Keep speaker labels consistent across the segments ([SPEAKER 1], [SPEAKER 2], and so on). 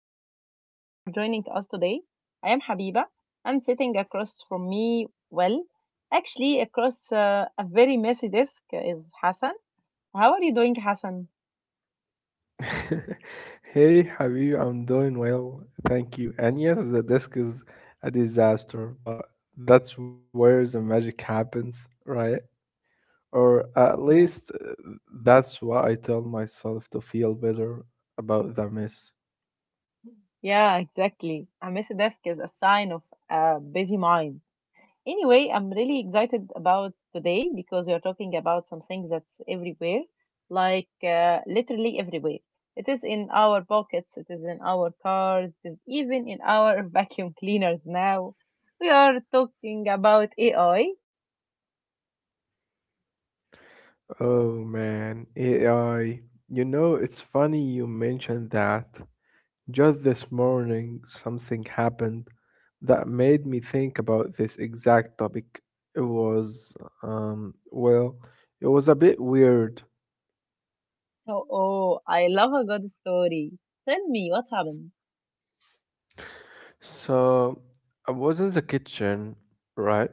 [SPEAKER 1] so happy you are joining us today. I am Habiba and sitting across from me, well, actually across a very messy desk is Hassan. How are you doing, Hassan?
[SPEAKER 2] Hey, Habib, I'm doing well, thank you. And yes, the disc is a disaster, but that's where the magic happens, right? Or at
[SPEAKER 1] Yeah,
[SPEAKER 2] least that's what I tell myself to feel better about the mess.
[SPEAKER 1] yeah, exactly. A messy desk is a sign of a busy mind. Anyway, I'm really excited about today because we are talking about something that's everywhere, literally everywhere. It is in our pockets, it is in our cars, it is even in our vacuum cleaners now. We are talking about AI.
[SPEAKER 2] Oh man, AI. You know, it's funny you mentioned that. Just this morning, something happened that made me think about this exact topic. It was, um, well, it was a bit weird.
[SPEAKER 1] Oh, oh, I love a good story. Tell me what happened.
[SPEAKER 2] So, I was in the kitchen, right?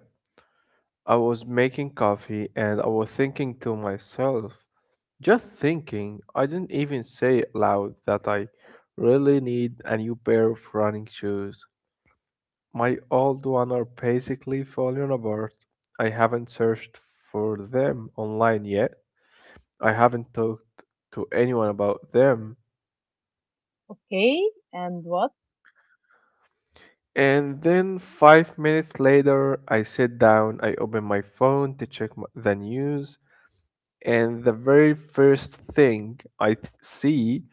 [SPEAKER 2] I was making coffee and I was thinking to myself, just thinking, I didn't even say it loud that I really need a new pair of running shoes. My old ones are basically falling apart. I haven't searched for them online yet. I haven't talked to anyone about them.
[SPEAKER 1] Okay, and what?
[SPEAKER 2] And then 5 minutes later, I sit down, I open my phone to check the news, and the very first thing see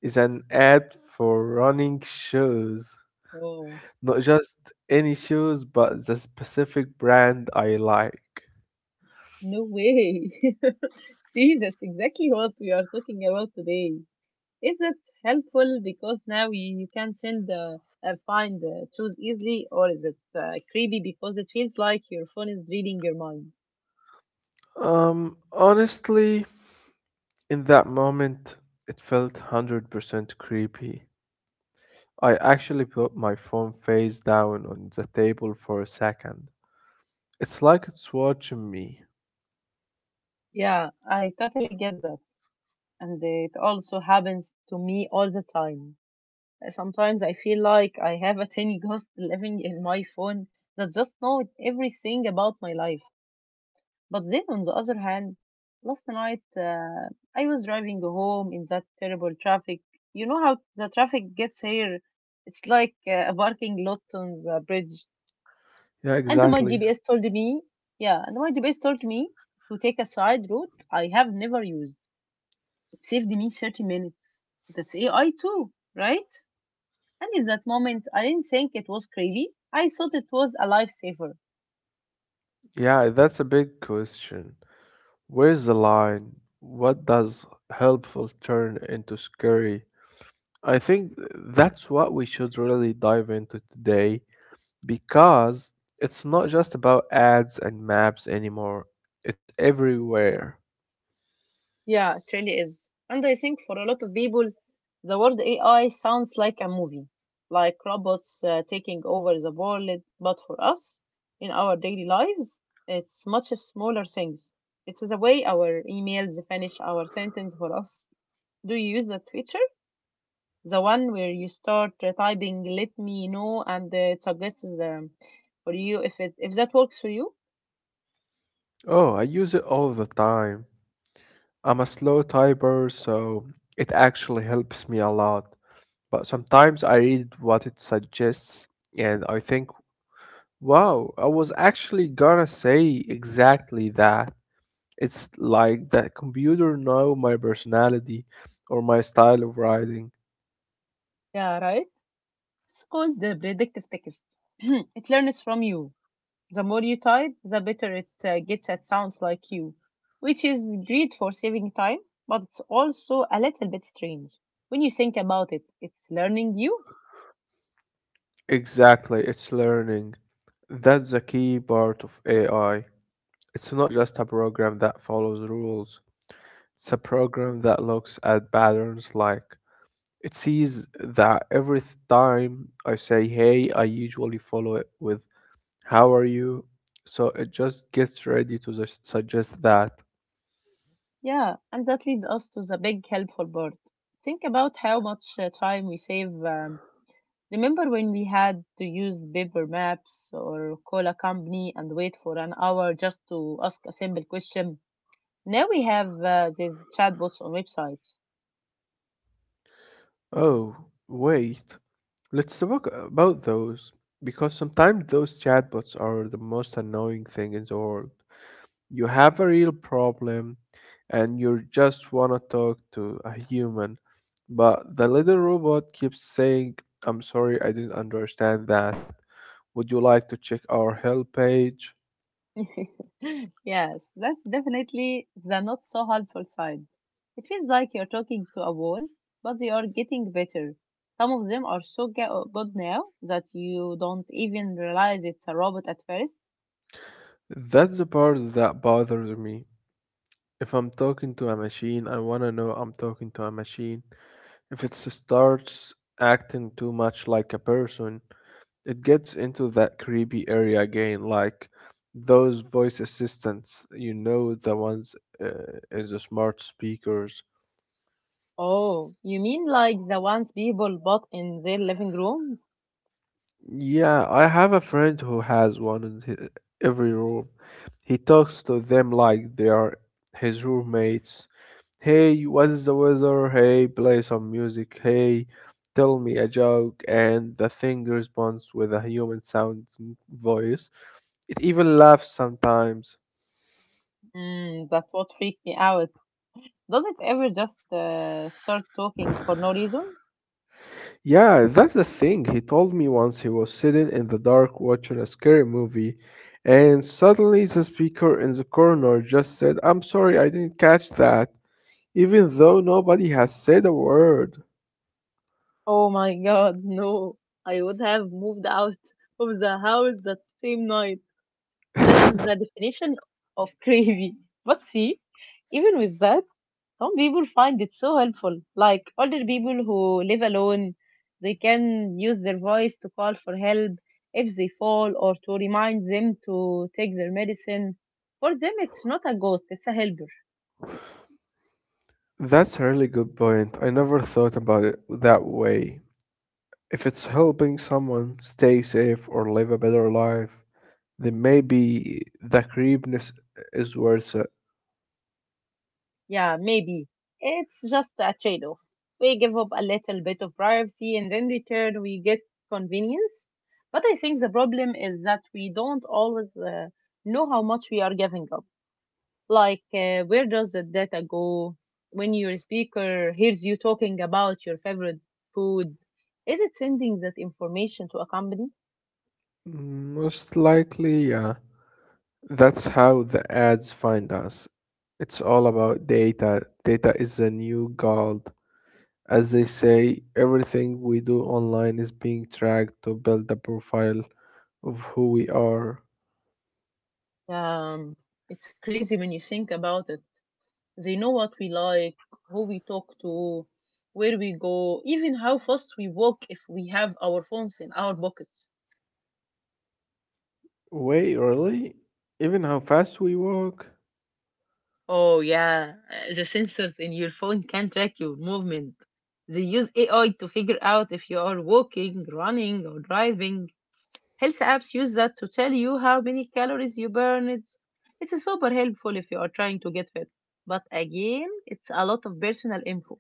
[SPEAKER 2] is an ad for running shoes.
[SPEAKER 1] Oh,
[SPEAKER 2] Not just any shoes, but the specific brand I like.
[SPEAKER 1] no way. See, that's exactly what we are talking about today. Is it helpful because now you can send find choose easily, or is it creepy because it feels like your phone is reading your mind?
[SPEAKER 2] Honestly, in that moment, it felt 100% creepy. I actually put my phone face down on the table for a second. It's like it's watching me.
[SPEAKER 1] Yeah, I totally get that, and it also happens to me all the time. Sometimes I feel like I have a tiny ghost living in my phone that just knows everything about my life. But then, on the other hand, last night I was driving home in that terrible traffic. You know how the traffic gets here? It's like a parking lot on the bridge.
[SPEAKER 2] Yeah,
[SPEAKER 1] And my
[SPEAKER 2] exactly.
[SPEAKER 1] GPS told me, yeah, and my GPS told me to take a side route I have never used. It saved me 30 minutes. That's AI too, right? And in that moment, I didn't think it was crazy. I thought it was a lifesaver.
[SPEAKER 2] Yeah, that's a big question. Where's the line? What does helpful turn into scary? I think that's what we should really dive into today because it's not just about ads and maps anymore, it's everywhere.
[SPEAKER 1] Yeah, it really is. And I think for a lot of people, the word AI sounds like a movie, like robots taking over the world. But for us, in our daily lives, it's much smaller things. It's the way our emails finish our sentence for us. Do you use that feature? The one where you start typing, let me know, and it suggests for you if that works for you.
[SPEAKER 2] Oh, I use it all the time. I'm a slow typer, so it actually helps me a lot. But sometimes I read what it suggests and I think, wow, I was actually gonna say exactly that. It's like that computer know my personality or my style of writing.
[SPEAKER 1] Yeah, right. It's called the predictive text. It learns from you. The more you type, the better it gets at sounds like you, which is great for saving time, but it's also a little bit strange. When you think about it, it's learning you.
[SPEAKER 2] Exactly, it's learning. That's the key part of AI. It's not just a program that follows rules. It's a program that looks at patterns like it sees that every time I say hey, I usually follow it with how are you? So it just gets ready to suggest that.
[SPEAKER 1] Yeah, and that leads us to the big helpful part. Think about how much time we save. Remember when we had to use paper maps or call a company and wait for an hour just to ask a simple question? Now we have these chatbots on websites.
[SPEAKER 2] Oh, wait, let's talk about those. Because sometimes those chatbots are the most annoying thing in the world. You have a real problem and you just want to talk to a human, but the little robot keeps saying, I'm sorry, I didn't understand that. Would you like to check our help page?
[SPEAKER 1] Yes, that's definitely the not so helpful side. It feels like you're talking to a wall, but they are getting better. Some of them are so good now that you don't even realize it's a robot at first.
[SPEAKER 2] That's the part that bothers me. If I'm talking to a machine, I want to know I'm talking to a machine. If it starts acting too much like a person, it gets into that creepy area again, like those voice assistants, you know, the ones uh, is the smart speakers.
[SPEAKER 1] Oh, you mean like the ones people bought in their living rooms?
[SPEAKER 2] Yeah, I have a friend who has one in every room. He talks to them like they are his roommates. Hey, what is the weather? Hey, play some music. Hey, tell me a joke. And the thing responds with a human sounding voice. It even laughs sometimes.
[SPEAKER 1] Mm, that's what freaked me out. Does it ever just start talking for no reason?
[SPEAKER 2] Yeah, that's the thing. He told me once he was sitting in the dark watching a scary movie, and suddenly the speaker in the corner just said, I'm sorry, I didn't catch that, even though nobody has said a word.
[SPEAKER 1] Oh my god, no. I would have moved out of the house that same night. This is the definition of crazy. But see, even with that, some people find it so helpful. Like older people who live alone, they can use their voice to call for help if they fall or to remind them to take their medicine. For them, it's not a ghost, it's a helper.
[SPEAKER 2] That's a really good point. I never thought about it that way. If it's helping someone stay safe or live a better life, then maybe the creepiness is worth it.
[SPEAKER 1] Yeah, maybe. It's just a trade off. We give up a little bit of privacy and in return we get convenience. But I think the problem is that we don't always know how much we are giving up. Like, where does the data go when your speaker hears you talking about your favorite food? Is it sending that information to a company?
[SPEAKER 2] Most likely, yeah. That's how the ads find us. It's all about data. Data is the new gold. As they say, everything we do online is being tracked to build a profile of who we are.
[SPEAKER 1] Um, it's crazy when you think about it. They know what we like, who we talk to, where we go, even how fast we walk if we have our phones in our pockets.
[SPEAKER 2] Wait, really? Even how fast we walk?
[SPEAKER 1] Oh, yeah. The sensors in your phone can track your movement. They use AI to figure out if you are walking, running, or driving. Health apps use that to tell you how many calories you burn. It's super helpful if you are trying to get fit. But again, it's a lot of personal info.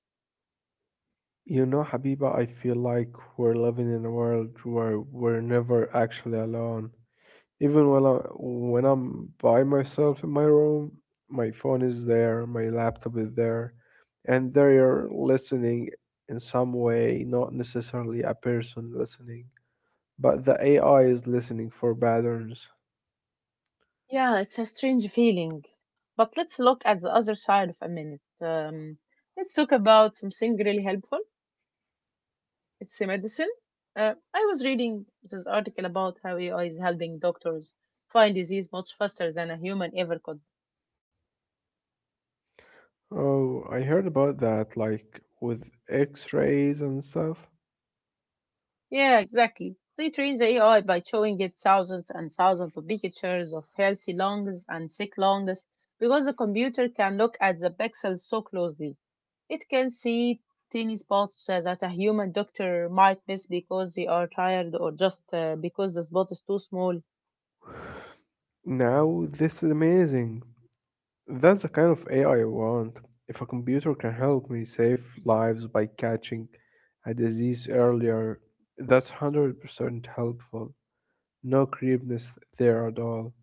[SPEAKER 2] You know, Habiba, I feel like we're living in a world where we're never actually alone. Even when when I'm by myself in my room, my phone is there, my laptop is there, and they are listening in some way, not necessarily a person listening, but the AI is listening for patterns.
[SPEAKER 1] Yeah, it's a strange feeling. But let's look at the other side of a minute. Let's talk about something really helpful. It's a medicine. I was reading this article about how AI is helping doctors find disease much faster than a human ever could.
[SPEAKER 2] Oh, I heard about that, like with X-rays and stuff.
[SPEAKER 1] Yeah, exactly. They train the AI by showing it thousands and thousands of pictures of healthy lungs and sick lungs because the computer can look at the pixels so closely. It can see tiny spots that a human doctor might miss because they are tired or just because the spot is too small.
[SPEAKER 2] Now, this is amazing. That's the kind of AI I want. If a computer can help me save lives by catching a disease earlier, that's 100% helpful. No creepiness there at all.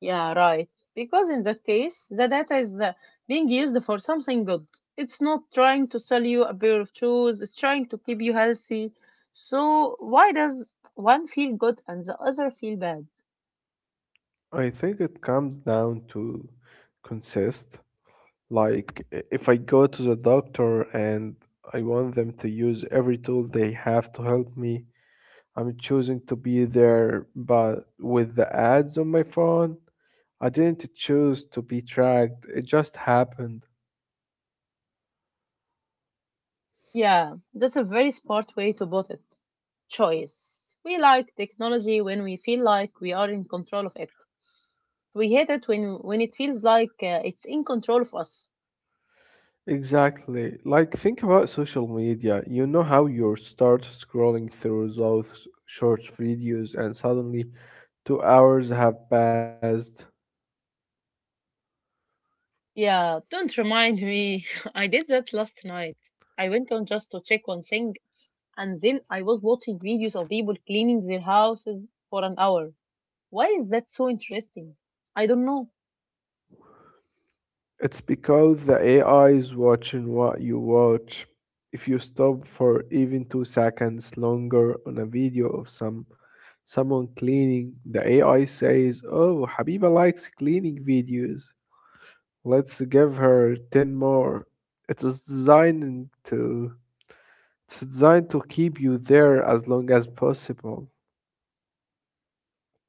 [SPEAKER 1] Yeah, right. Because in that case, the data is being used for something good. It's not trying to sell you a pair of shoes, it's trying to keep you healthy. So, why does one feel good and the other feel bad?
[SPEAKER 2] I think it comes down to consist. Like, if I go to the doctor and I want them to use every tool they have to help me, I'm choosing to be there, but with the ads on my phone, I didn't choose to be tracked, it just happened.
[SPEAKER 1] Yeah, that's a very smart way to put it. Choice. We like technology when we feel like we are in control of it. We hate it when it feels like it's in control of us.
[SPEAKER 2] Exactly. Like, think about social media. You know how you start scrolling through those short videos and suddenly 2 hours have passed.
[SPEAKER 1] Yeah, don't remind me. I did that last night. I went on just to check one thing, and then I was watching videos of people cleaning their houses for an hour. Why is that so interesting? I don't know.
[SPEAKER 2] It's because the AI is watching what you watch. If you stop for even 2 seconds longer on a video of someone cleaning, the AI says, "Oh, Habiba likes cleaning videos. Let's give her ten more." It is designed to it's designed to keep you there as long as possible.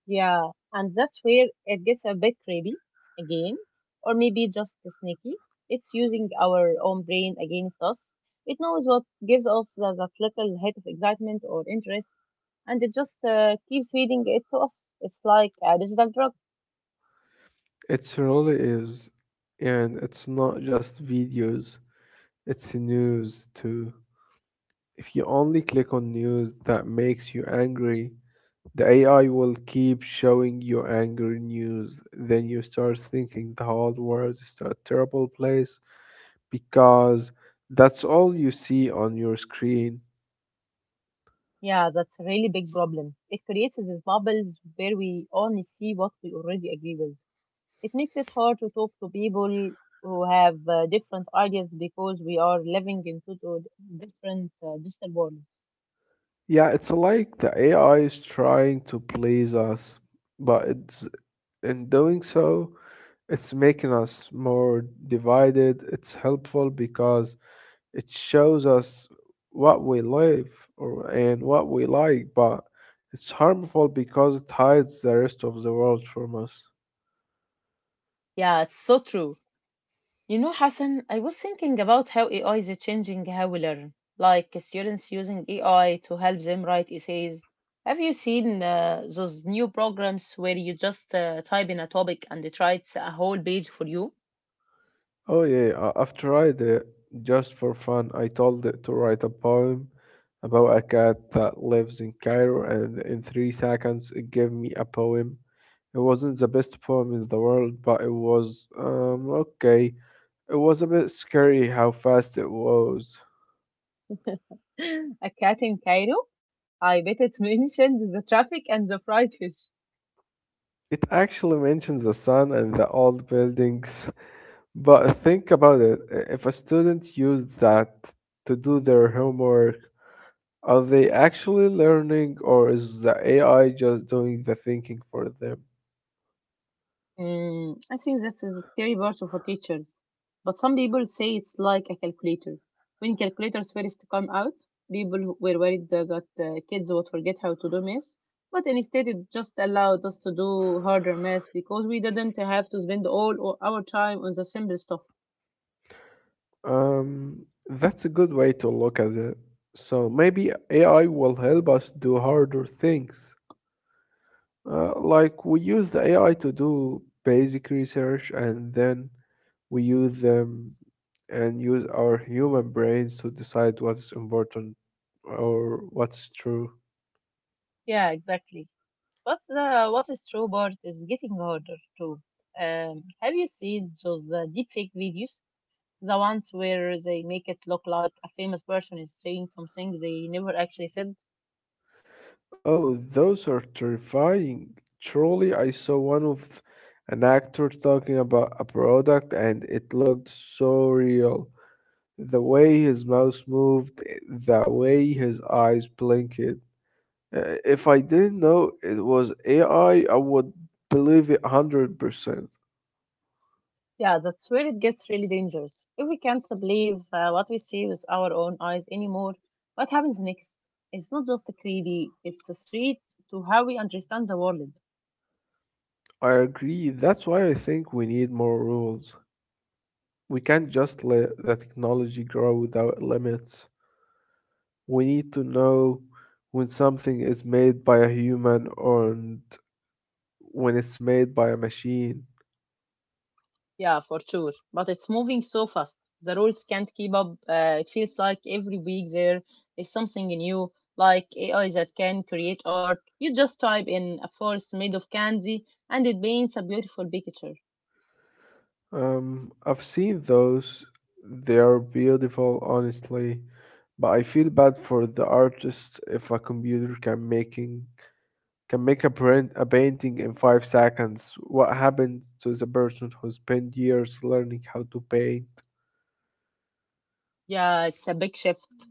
[SPEAKER 1] Yeah, and that's where it gets a bit creepy again, or maybe just sneaky. It's using our own brain against us. It knows what gives us that little hit of excitement or interest, and it just keeps feeding it to us. It's like a digital drug.
[SPEAKER 2] It really is. And it's not just videos, it's news too. If you only click on news that makes you angry, the AI will keep showing you angry news. Then you start thinking the whole world is a terrible place because that's all you see on your screen.
[SPEAKER 1] Yeah, that's a really big problem. It creates these bubbles where we only see what we already agree with. It makes it hard to talk to people who have different ideas because we are living in two different digital worlds.
[SPEAKER 2] Yeah, it's like the AI is trying to please us, but it's in doing so, it's making us more divided. It's helpful because it shows us what we love or and what we like, but it's harmful because it hides the rest of the world from us.
[SPEAKER 1] Yeah, it's so true. You know, Hassan, I was thinking about how AI is changing how we learn, like students using AI to help them write essays. Have you seen those new programs where you just type in a topic and it writes a whole page for you?
[SPEAKER 2] Oh yeah, I've tried it just for fun. I told it to write a poem about a cat that lives in Cairo, and in 3 seconds it gave me a poem. It wasn't the best poem in the world, but it was okay. It was a bit scary how fast it was.
[SPEAKER 1] A cat in Cairo? I bet it mentioned the traffic and the fried fish.
[SPEAKER 2] It actually mentions the sun and the old buildings, but think about it. If a student used that to do their homework, are they actually learning, or is the AI just doing the thinking for them?
[SPEAKER 1] Mm, I think that's a scary part for teachers. But some people say it's like a calculator. When calculators first come out, people were worried that kids would forget how to do math. But instead, it just allowed us to do harder math because we didn't have to spend our time on the simple stuff.
[SPEAKER 2] That's a good way to look at it. So maybe AI will help us do harder things. Like we use the AI to do basic research and then we use them and use our human brains to decide what's important or what's true.
[SPEAKER 1] Yeah, exactly. But the what is true part is getting harder too. Have you seen those deepfake videos? The ones where they make it look like a famous person is saying something they never actually said?
[SPEAKER 2] Oh, those are terrifying. Truly, I saw one of an actor talking about a product and it looked so real. The way his mouth moved, the way his eyes blinked. If I didn't know it was AI, I would believe it 100%.
[SPEAKER 1] Yeah, that's where it gets really dangerous. If we can't believe what we see with our own eyes anymore, what happens next? It's not just creepy, it's a threat to how we understand the world.
[SPEAKER 2] I agree. That's why I think we need more rules. We can't just let the technology grow without limits. We need to know when something is made by a human and when it's made by a machine.
[SPEAKER 1] Yeah, for sure. But it's moving so fast. The rules can't keep up. It feels like every week there is something new, like AI that can create art. You just type in a forest made of candy and it paints a beautiful picture.
[SPEAKER 2] I've seen those. They are beautiful, honestly, but I feel bad for the artist if a computer can make a painting in 5 seconds. What happened to the person who spent years learning how to paint?
[SPEAKER 1] Yeah, it's a big shift.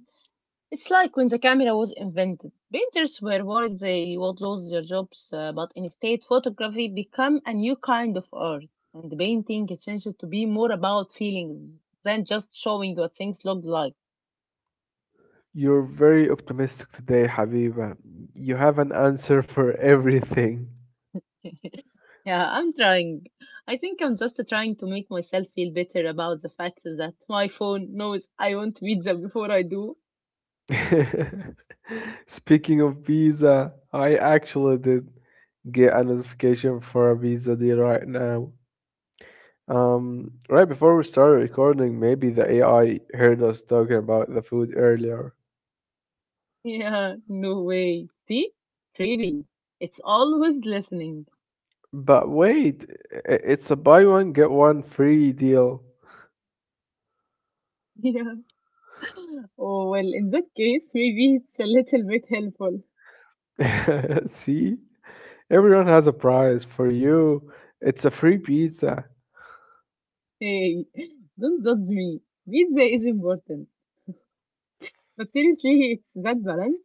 [SPEAKER 1] It's like when the camera was invented. Painters were worried they would lose their jobs, but instead, photography became a new kind of art. And painting changed to be more about feelings than just showing what things looked like.
[SPEAKER 2] You're very optimistic today, Habiba. You have an answer for everything.
[SPEAKER 1] Yeah, I'm trying. I think I'm just trying to make myself feel better about the fact that my phone knows I want pizza before I do.
[SPEAKER 2] Speaking of pizza, I actually did get a notification for a pizza deal right now. Right before we started recording, maybe the AI heard us talking about the food earlier.
[SPEAKER 1] Yeah, no way. See? Creepy. It's always listening.
[SPEAKER 2] But wait, it's a buy one get one free deal.
[SPEAKER 1] Yeah. Oh, well, in that case, maybe it's a little bit helpful.
[SPEAKER 2] See? Everyone has a prize. For you, it's a free pizza.
[SPEAKER 1] Hey, don't judge me. Pizza is important. But seriously, it's that balance.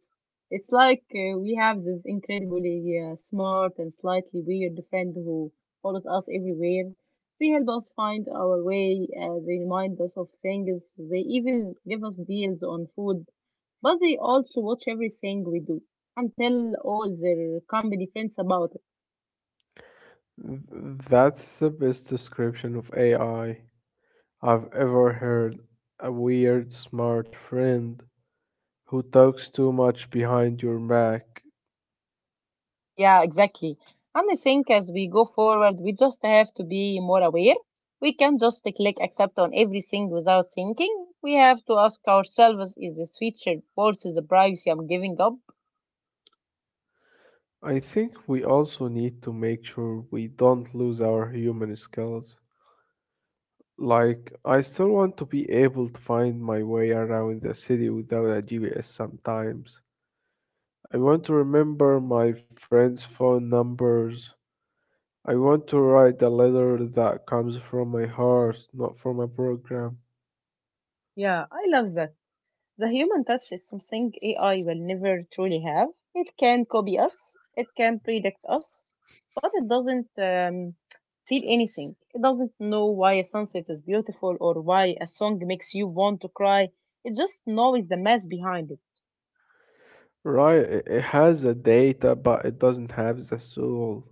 [SPEAKER 1] It's like we have this incredibly smart and slightly weird friend who follows us everywhere. They help us find our way, they remind us of things, they even give us deals on food, but they also watch everything we do and tell all their company friends about.
[SPEAKER 2] That's the best description of AI I've ever heard: a weird smart friend who talks too much behind your back.
[SPEAKER 1] Yeah, exactly. And I think as we go forward, we just have to be more aware. We can just click accept on everything without thinking. We have to ask ourselves, is this feature worth the privacy I'm giving up?
[SPEAKER 2] I think we also need to make sure we don't lose our human skills. Like, I still want to be able to find my way around the city without a GPS sometimes. I want to remember my friends' phone numbers. I want to write a letter that comes from my heart, not from a program.
[SPEAKER 1] Yeah, I love that. The human touch is something AI will never truly have. It can copy us, it can predict us, but it doesn't feel anything. It doesn't know why a sunset is beautiful or why a song makes you want to cry. It just knows the mess behind it.
[SPEAKER 2] Right, it has the data, but it doesn't have the soul.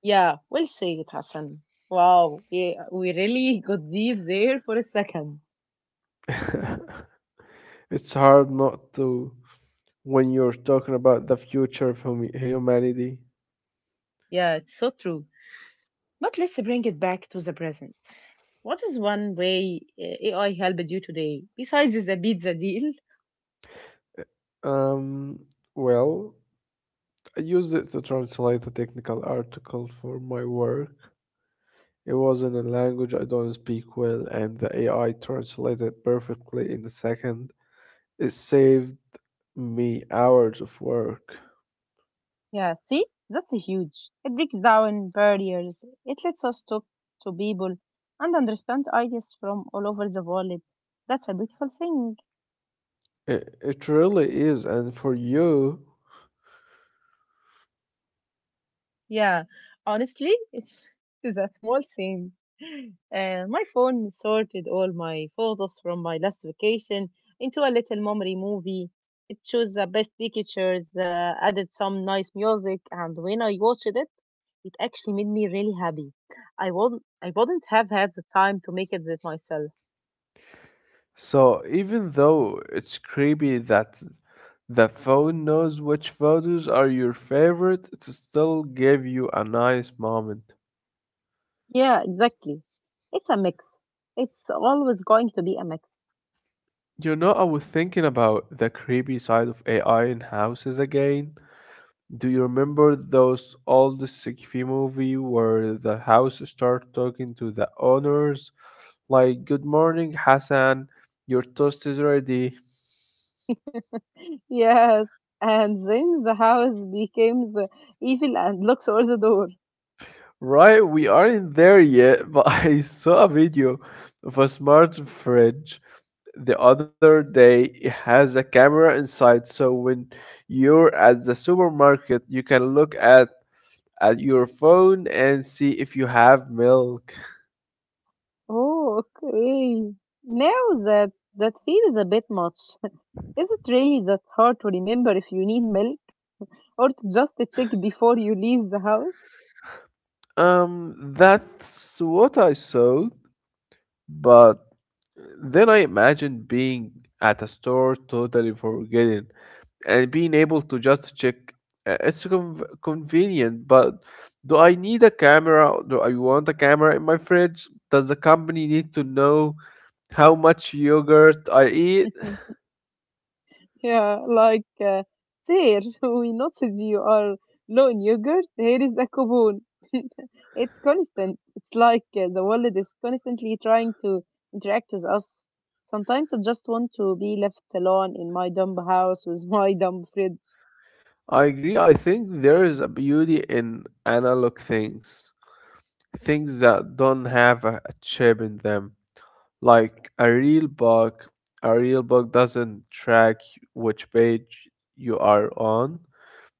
[SPEAKER 1] Yeah, we'll say it, Hassan. Wow, yeah, we really got deep there for a second.
[SPEAKER 2] It's hard not to when you're talking about the future of humanity.
[SPEAKER 1] Yeah, it's so true. But let's bring it back to the present. What is one way AI helped you today besides the pizza deal?
[SPEAKER 2] Um, well, I used it to translate a technical article for my work. It was in a language I don't speak well, and the AI translated perfectly in a second. It saved me hours of work.
[SPEAKER 1] Yeah, see, that's huge. It breaks down barriers. It lets us talk to people and understand ideas from all over the world. That's a beautiful thing.
[SPEAKER 2] It really is, and for you?
[SPEAKER 1] Yeah, honestly, it's a small thing. My phone sorted all my photos from my last vacation into a little memory movie. It chose the best pictures, added some nice music, and when I watched it, it actually made me really happy. I wouldn't have had the time to make it that myself.
[SPEAKER 2] So even though it's creepy that the phone knows which photos are your favorite, it still gave you a nice moment.
[SPEAKER 1] Yeah, exactly. It's a mix. It's always going to be a mix.
[SPEAKER 2] You know, I was thinking about the creepy side of AI in houses again. Do you remember those old sci-fi movie where the house start talking to the owners like "Good morning, Hassan, your toast is ready."
[SPEAKER 1] Yes, and then the house becomes evil and locks all the door.
[SPEAKER 2] Right, we aren't there yet, but I saw a video of a smart fridge the other day. It has a camera inside, so when you're at the supermarket, you can look at your phone and see if you have milk.
[SPEAKER 1] Oh, okay. Now that feels a bit much. Is it really that hard to remember if you need milk or to just check before you leave the house?
[SPEAKER 2] That's what I saw, but then I imagined being at a store totally forgetting and being able to just check. It's convenient, but do I need a camera? Do I want a camera in my fridge? Does the company need to know how much yogurt I eat?
[SPEAKER 1] Yeah, like there, we noticed you are low in yogurt. Here is a coupon. It's constant. It's like the world is constantly trying to interact with us. Sometimes I just want to be left alone in my dumb house with my dumb fridge.
[SPEAKER 2] I agree. I think there is a beauty in analog things, things that don't have a chip in them, like a real book. A real book doesn't track which page you are on.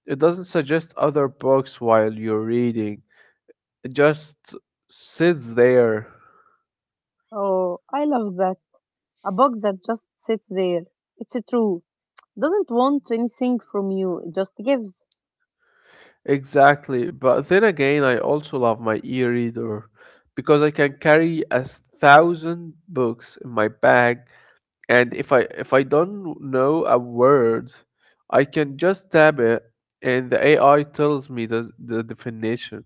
[SPEAKER 2] It doesn't suggest other books while you're reading. It just sits there.
[SPEAKER 1] Oh, I love that. A box that just sits there. It's true. Doesn't want anything from you. It just gives.
[SPEAKER 2] Exactly. But then again, I also love my e-reader because I can carry 1,000 books in my bag, and if I don't know a word, I can just tap it, and the AI tells me the definition.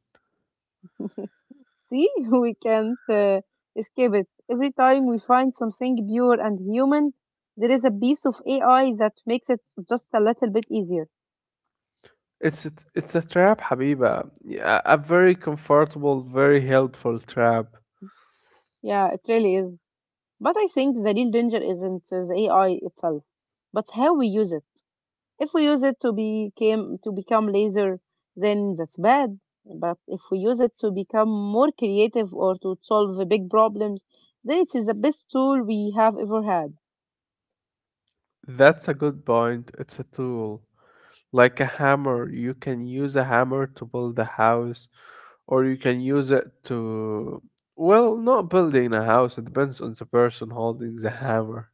[SPEAKER 1] See, we can't escape it. Every time we find something pure and human, there is a piece of AI that makes it just a little bit easier.
[SPEAKER 2] It's a trap, Habiba. Yeah, a very comfortable, very helpful trap.
[SPEAKER 1] Yeah, it really is. But I think the real danger isn't the AI itself, but how we use it. If we use it to become lazier, then that's bad. But if we use it to become more creative or to solve big problems, then it is the best tool we have ever had.
[SPEAKER 2] That's a good point. It's a tool. Like a hammer, you can use a hammer to build a house, or you can use it to, well, not building a house. It depends on the person holding the hammer.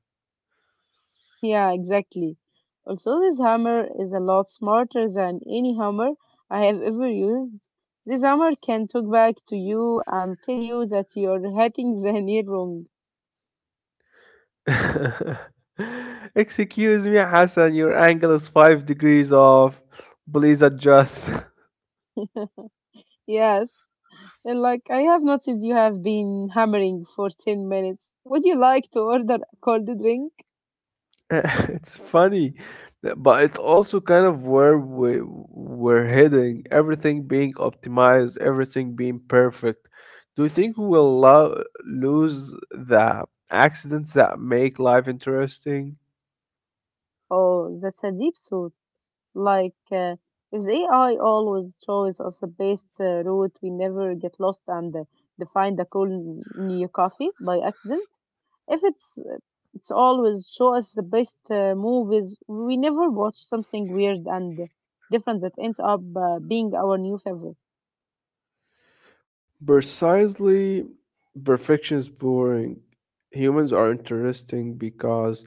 [SPEAKER 1] Yeah, exactly. Also, this hammer is a lot smarter than any hammer I have ever used. This hammer can talk back to you and tell you that you're hitting the nail wrong.
[SPEAKER 2] Excuse me, Hassan, your angle is 5 degrees off. Please adjust.
[SPEAKER 1] Yes, and like I have noticed you have been hammering for 10 minutes. Would you like to order a cold drink?
[SPEAKER 2] it's funny, but it's also kind of where we're heading. Everything being optimized, everything being perfect. Do you think we'll lose the accidents that make life interesting?
[SPEAKER 1] Oh, that's a deep thought. Like, if the AI always shows us the best route, we never get lost and find a cool new coffee by accident. If it's it's always show us the best movies, we never watch something weird and different that ends up being our new favorite.
[SPEAKER 2] Precisely, perfection is boring. Humans are interesting because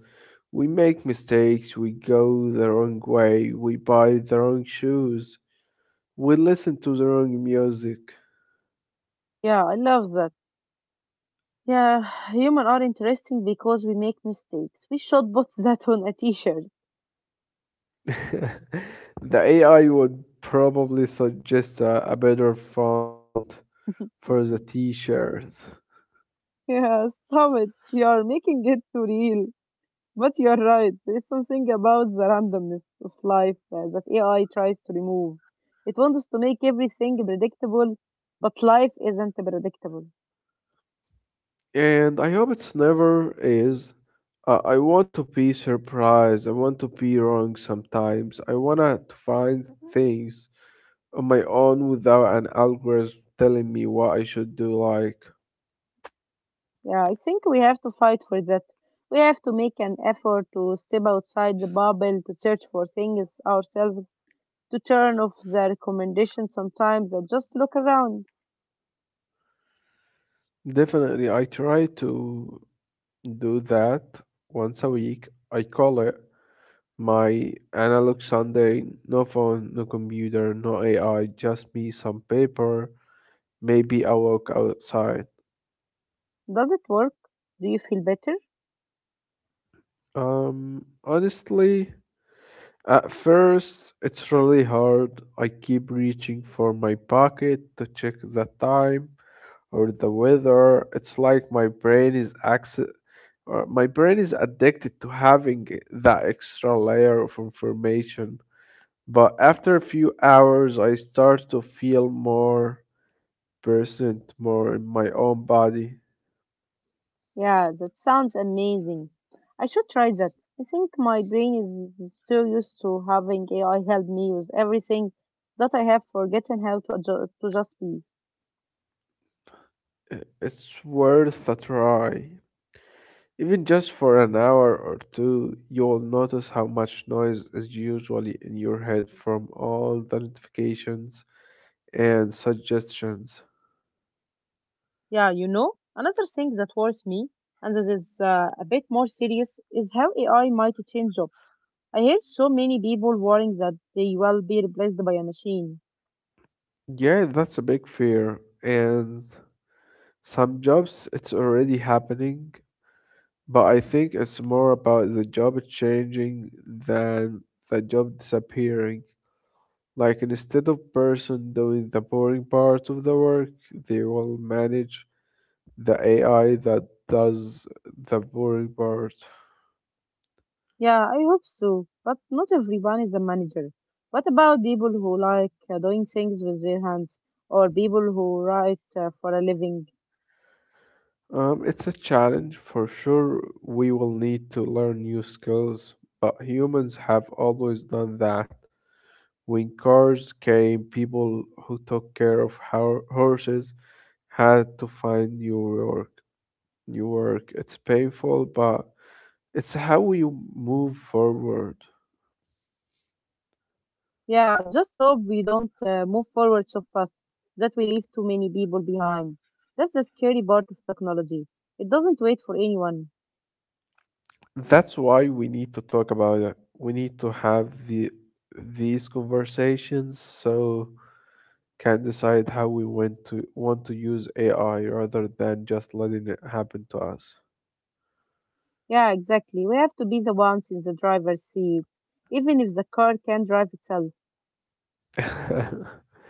[SPEAKER 2] we make mistakes, we go the wrong way, we buy the wrong shoes, we listen to the wrong music.
[SPEAKER 1] Yeah, I love that. Yeah, human are interesting because we make mistakes. We should put that on a t-shirt.
[SPEAKER 2] The AI would probably suggest a better font for the t-shirt.
[SPEAKER 1] Yeah, stop it. You are making it too real. But you are right. There's something about the randomness of life that AI tries to remove. It wants to make everything predictable, but life isn't predictable.
[SPEAKER 2] And I hope it's never is. I want to be surprised. I want to be wrong sometimes. I want to find things on my own without an algorithm telling me what I should do. Like,
[SPEAKER 1] Yeah, I think we have to fight for that. We have to make an effort to step outside the bubble, to search for things ourselves, to turn off the recommendations sometimes, and just look around.
[SPEAKER 2] definitely, I try to do that once a week. I call it my analog Sunday. No phone, no computer, no AI, just me, some paper, maybe a walk outside.
[SPEAKER 1] Does it work? Do you feel better?
[SPEAKER 2] Honestly, at first it's really hard. I keep reaching for my pocket to check the time or the weather. It's like my brain is access or my brain is addicted to having that extra layer of information. But after a few hours, I start to feel more percent more in my own body.
[SPEAKER 1] Yeah, that sounds amazing. I should try that. I think my brain is so used to having AI help me with everything that I have forgotten how to, to just be.
[SPEAKER 2] It's worth a try. Even just for an hour or two, you'll notice how much noise is usually in your head from all the notifications and suggestions.
[SPEAKER 1] Yeah, you know, another thing that worries me, and this is a bit more serious, is how AI might change jobs. I hear so many people worrying that they will be replaced by a machine.
[SPEAKER 2] Yeah, that's a big fear. And some jobs, it's already happening, but I think it's more about the job changing than the job disappearing. Like instead of person doing the boring part of the work, they will manage the AI that does the boring part.
[SPEAKER 1] Yeah, I hope so, but not everyone is a manager. What about people who like doing things with their hands, or people who write for a living?
[SPEAKER 2] It's a challenge for sure. We will need to learn new skills, but humans have always done that. When cars came, people who took care of horses had to find new work. New work. It's painful, but it's how we move forward.
[SPEAKER 1] Yeah, I just hope we don't move forward so fast that we leave too many people behind. That's the scary part of technology. It doesn't wait for anyone.
[SPEAKER 2] That's why we need to talk about it. We need to have the these conversations so can decide how we want to use AI rather than just letting it happen to us.
[SPEAKER 1] Yeah, exactly. We have to be the ones in the driver's seat, even if the car can drive itself.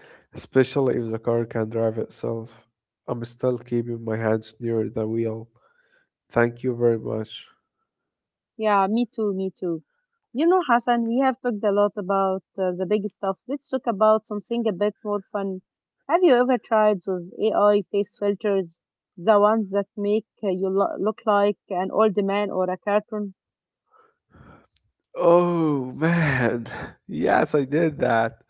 [SPEAKER 2] Especially if the car can drive itself. I'm still keeping my hands near the wheel. Thank you very much.
[SPEAKER 1] Yeah, me too, me too. You know, Hassan, we have talked a lot about the big stuff. Let's talk about something a bit more fun. Have you ever tried those AI face filters, the ones that make you look like an old man or a cartoon?
[SPEAKER 2] Oh man, yes, I did that.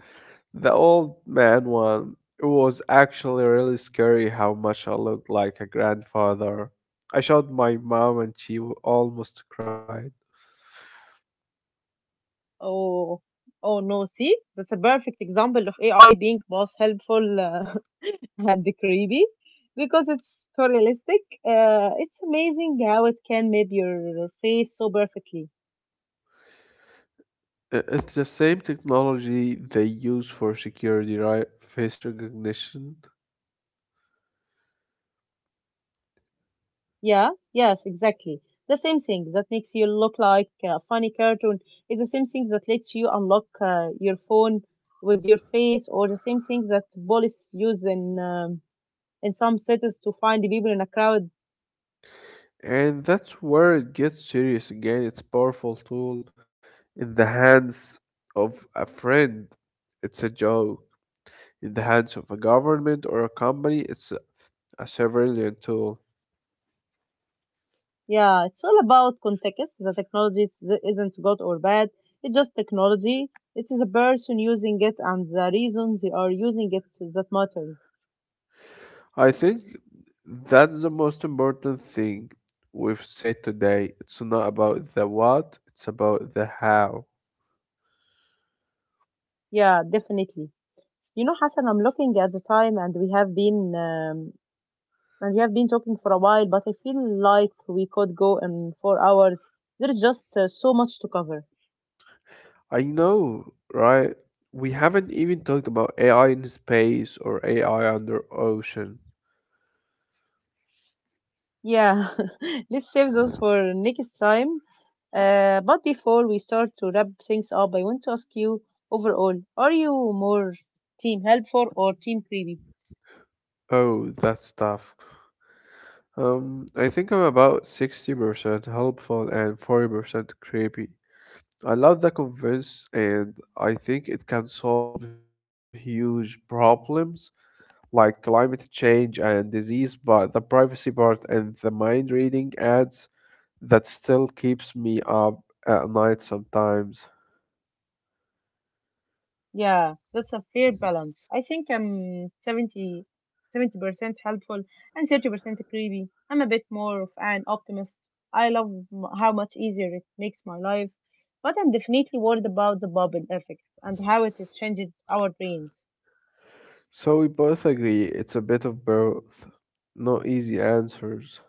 [SPEAKER 2] The old man one. It was actually really scary how much I looked like a grandfather. I showed my mom and almost cried.
[SPEAKER 1] Oh, oh no, see? That's a perfect example of AI being both helpful and creepy because it's so realistic. It's amazing how it can map your face so perfectly.
[SPEAKER 2] It's the same technology they use for security, right? Face recognition.
[SPEAKER 1] Yeah, yes, exactly. The same thing that makes you look like a funny cartoon is the same thing that lets you unlock your phone with your face, or the same thing that police use in some cities to find the people in a crowd.
[SPEAKER 2] And that's where it gets serious again. It's a powerful tool in the hands of a friend. It's a joke. In the hands of a government or a company, it's a surveillance tool.
[SPEAKER 1] Yeah, it's all about context. The technology isn't good or bad. It's just technology. It is a person using it and the reason they are using it that matters.
[SPEAKER 2] I think that's the most important thing we've said today. It's not about the what, it's about the how.
[SPEAKER 1] Yeah, definitely. You know, Hassan, I'm looking at the time and we have been talking for a while, but I feel like we could go in 4 hours. There's just so much to cover.
[SPEAKER 2] I know, right? We haven't even talked about AI in space or AI under ocean.
[SPEAKER 1] Yeah, let's save those for next time. But before we start to wrap things up, I want to ask you overall, are you more team helpful or team creepy?
[SPEAKER 2] Oh, that stuff. I think I'm about 60% helpful and 40% creepy. I love the convince, and I think it can solve huge problems like climate change and disease, but the privacy part and the mind reading ads, that still keeps me up at night sometimes.
[SPEAKER 1] Yeah, that's a fair balance. I think I'm seventy percent helpful and 30% creepy. I'm a bit more of an optimist. I love how much easier it makes my life, but I'm definitely worried about the bubble effect and how it changed our brains.
[SPEAKER 2] So we both agree it's a bit of both. No easy answers.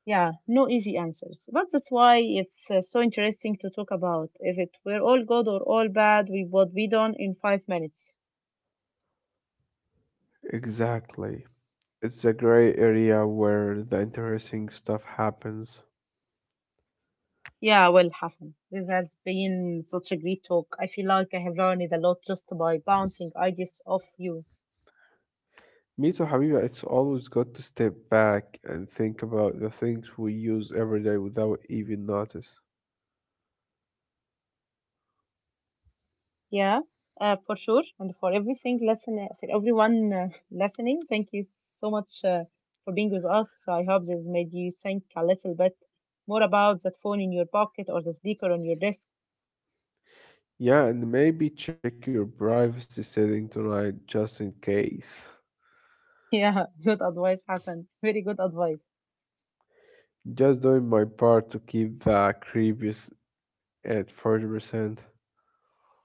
[SPEAKER 1] Yeah, no easy answers. But that's why it's so interesting to talk about. If it were all good or all bad, we would be done in 5 minutes.
[SPEAKER 2] Exactly. It's a gray area where the interesting stuff happens.
[SPEAKER 1] Yeah, well, Hassan, this has been such a great talk. I feel like I have learned a lot just by bouncing ideas off you.
[SPEAKER 2] Me too, Habiba. It's always good to step back and think about the things we use every day without even notice.
[SPEAKER 1] Yeah, for sure. And for everything, listen, for everyone listening, thank you so much for being with us. I hope this made you think a little bit more about that phone in your pocket or the speaker on your desk.
[SPEAKER 2] Yeah, and maybe check your privacy setting tonight just in case.
[SPEAKER 1] Yeah, good advice, Hassan. Very good advice.
[SPEAKER 2] Just doing my part to keep the creepiest at 40%.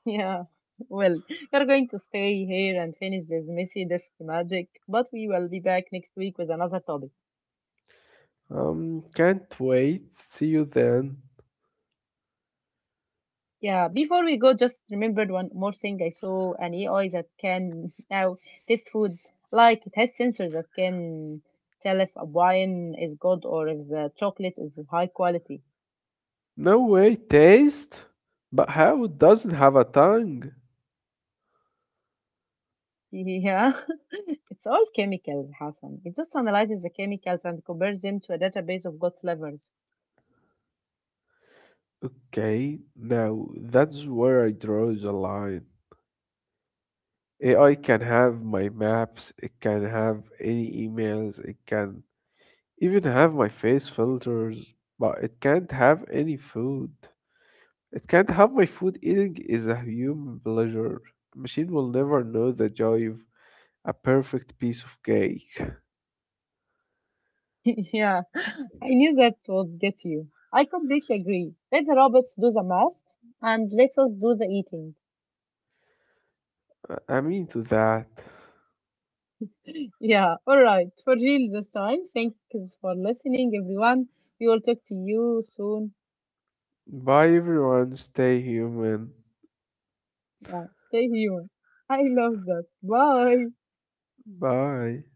[SPEAKER 1] Yeah. Well, we're going to stay here and finish this messy desk magic, but we will be back next week with another topic.
[SPEAKER 2] Can't wait. See you then.
[SPEAKER 1] Yeah, before we go, just remembered one more thing. I saw an AI that can now taste food. Like it has sensors that can tell if a wine is good or if the chocolate is high quality.
[SPEAKER 2] No way, taste? But how it doesn't have a tongue?
[SPEAKER 1] Yeah. It's all chemicals, Hassan. It just analyzes the chemicals and compares them to a database of good flavors.
[SPEAKER 2] Okay, now that's where I draw the line. AI can have my maps, it can have any emails, it can even have my face filters, but it can't have any food. It can't have my food. Eating is a human pleasure. A machine will never know the joy of a perfect piece of cake.
[SPEAKER 1] Yeah, I knew that would get you. I completely agree. Let the robots do the math and let us do the eating.
[SPEAKER 2] I mean to that.
[SPEAKER 1] Yeah, all right. For real this time, thanks for listening, everyone. We will talk to you soon.
[SPEAKER 2] Bye everyone, stay human.
[SPEAKER 1] Yeah, stay human. I love that. Bye.
[SPEAKER 2] Bye.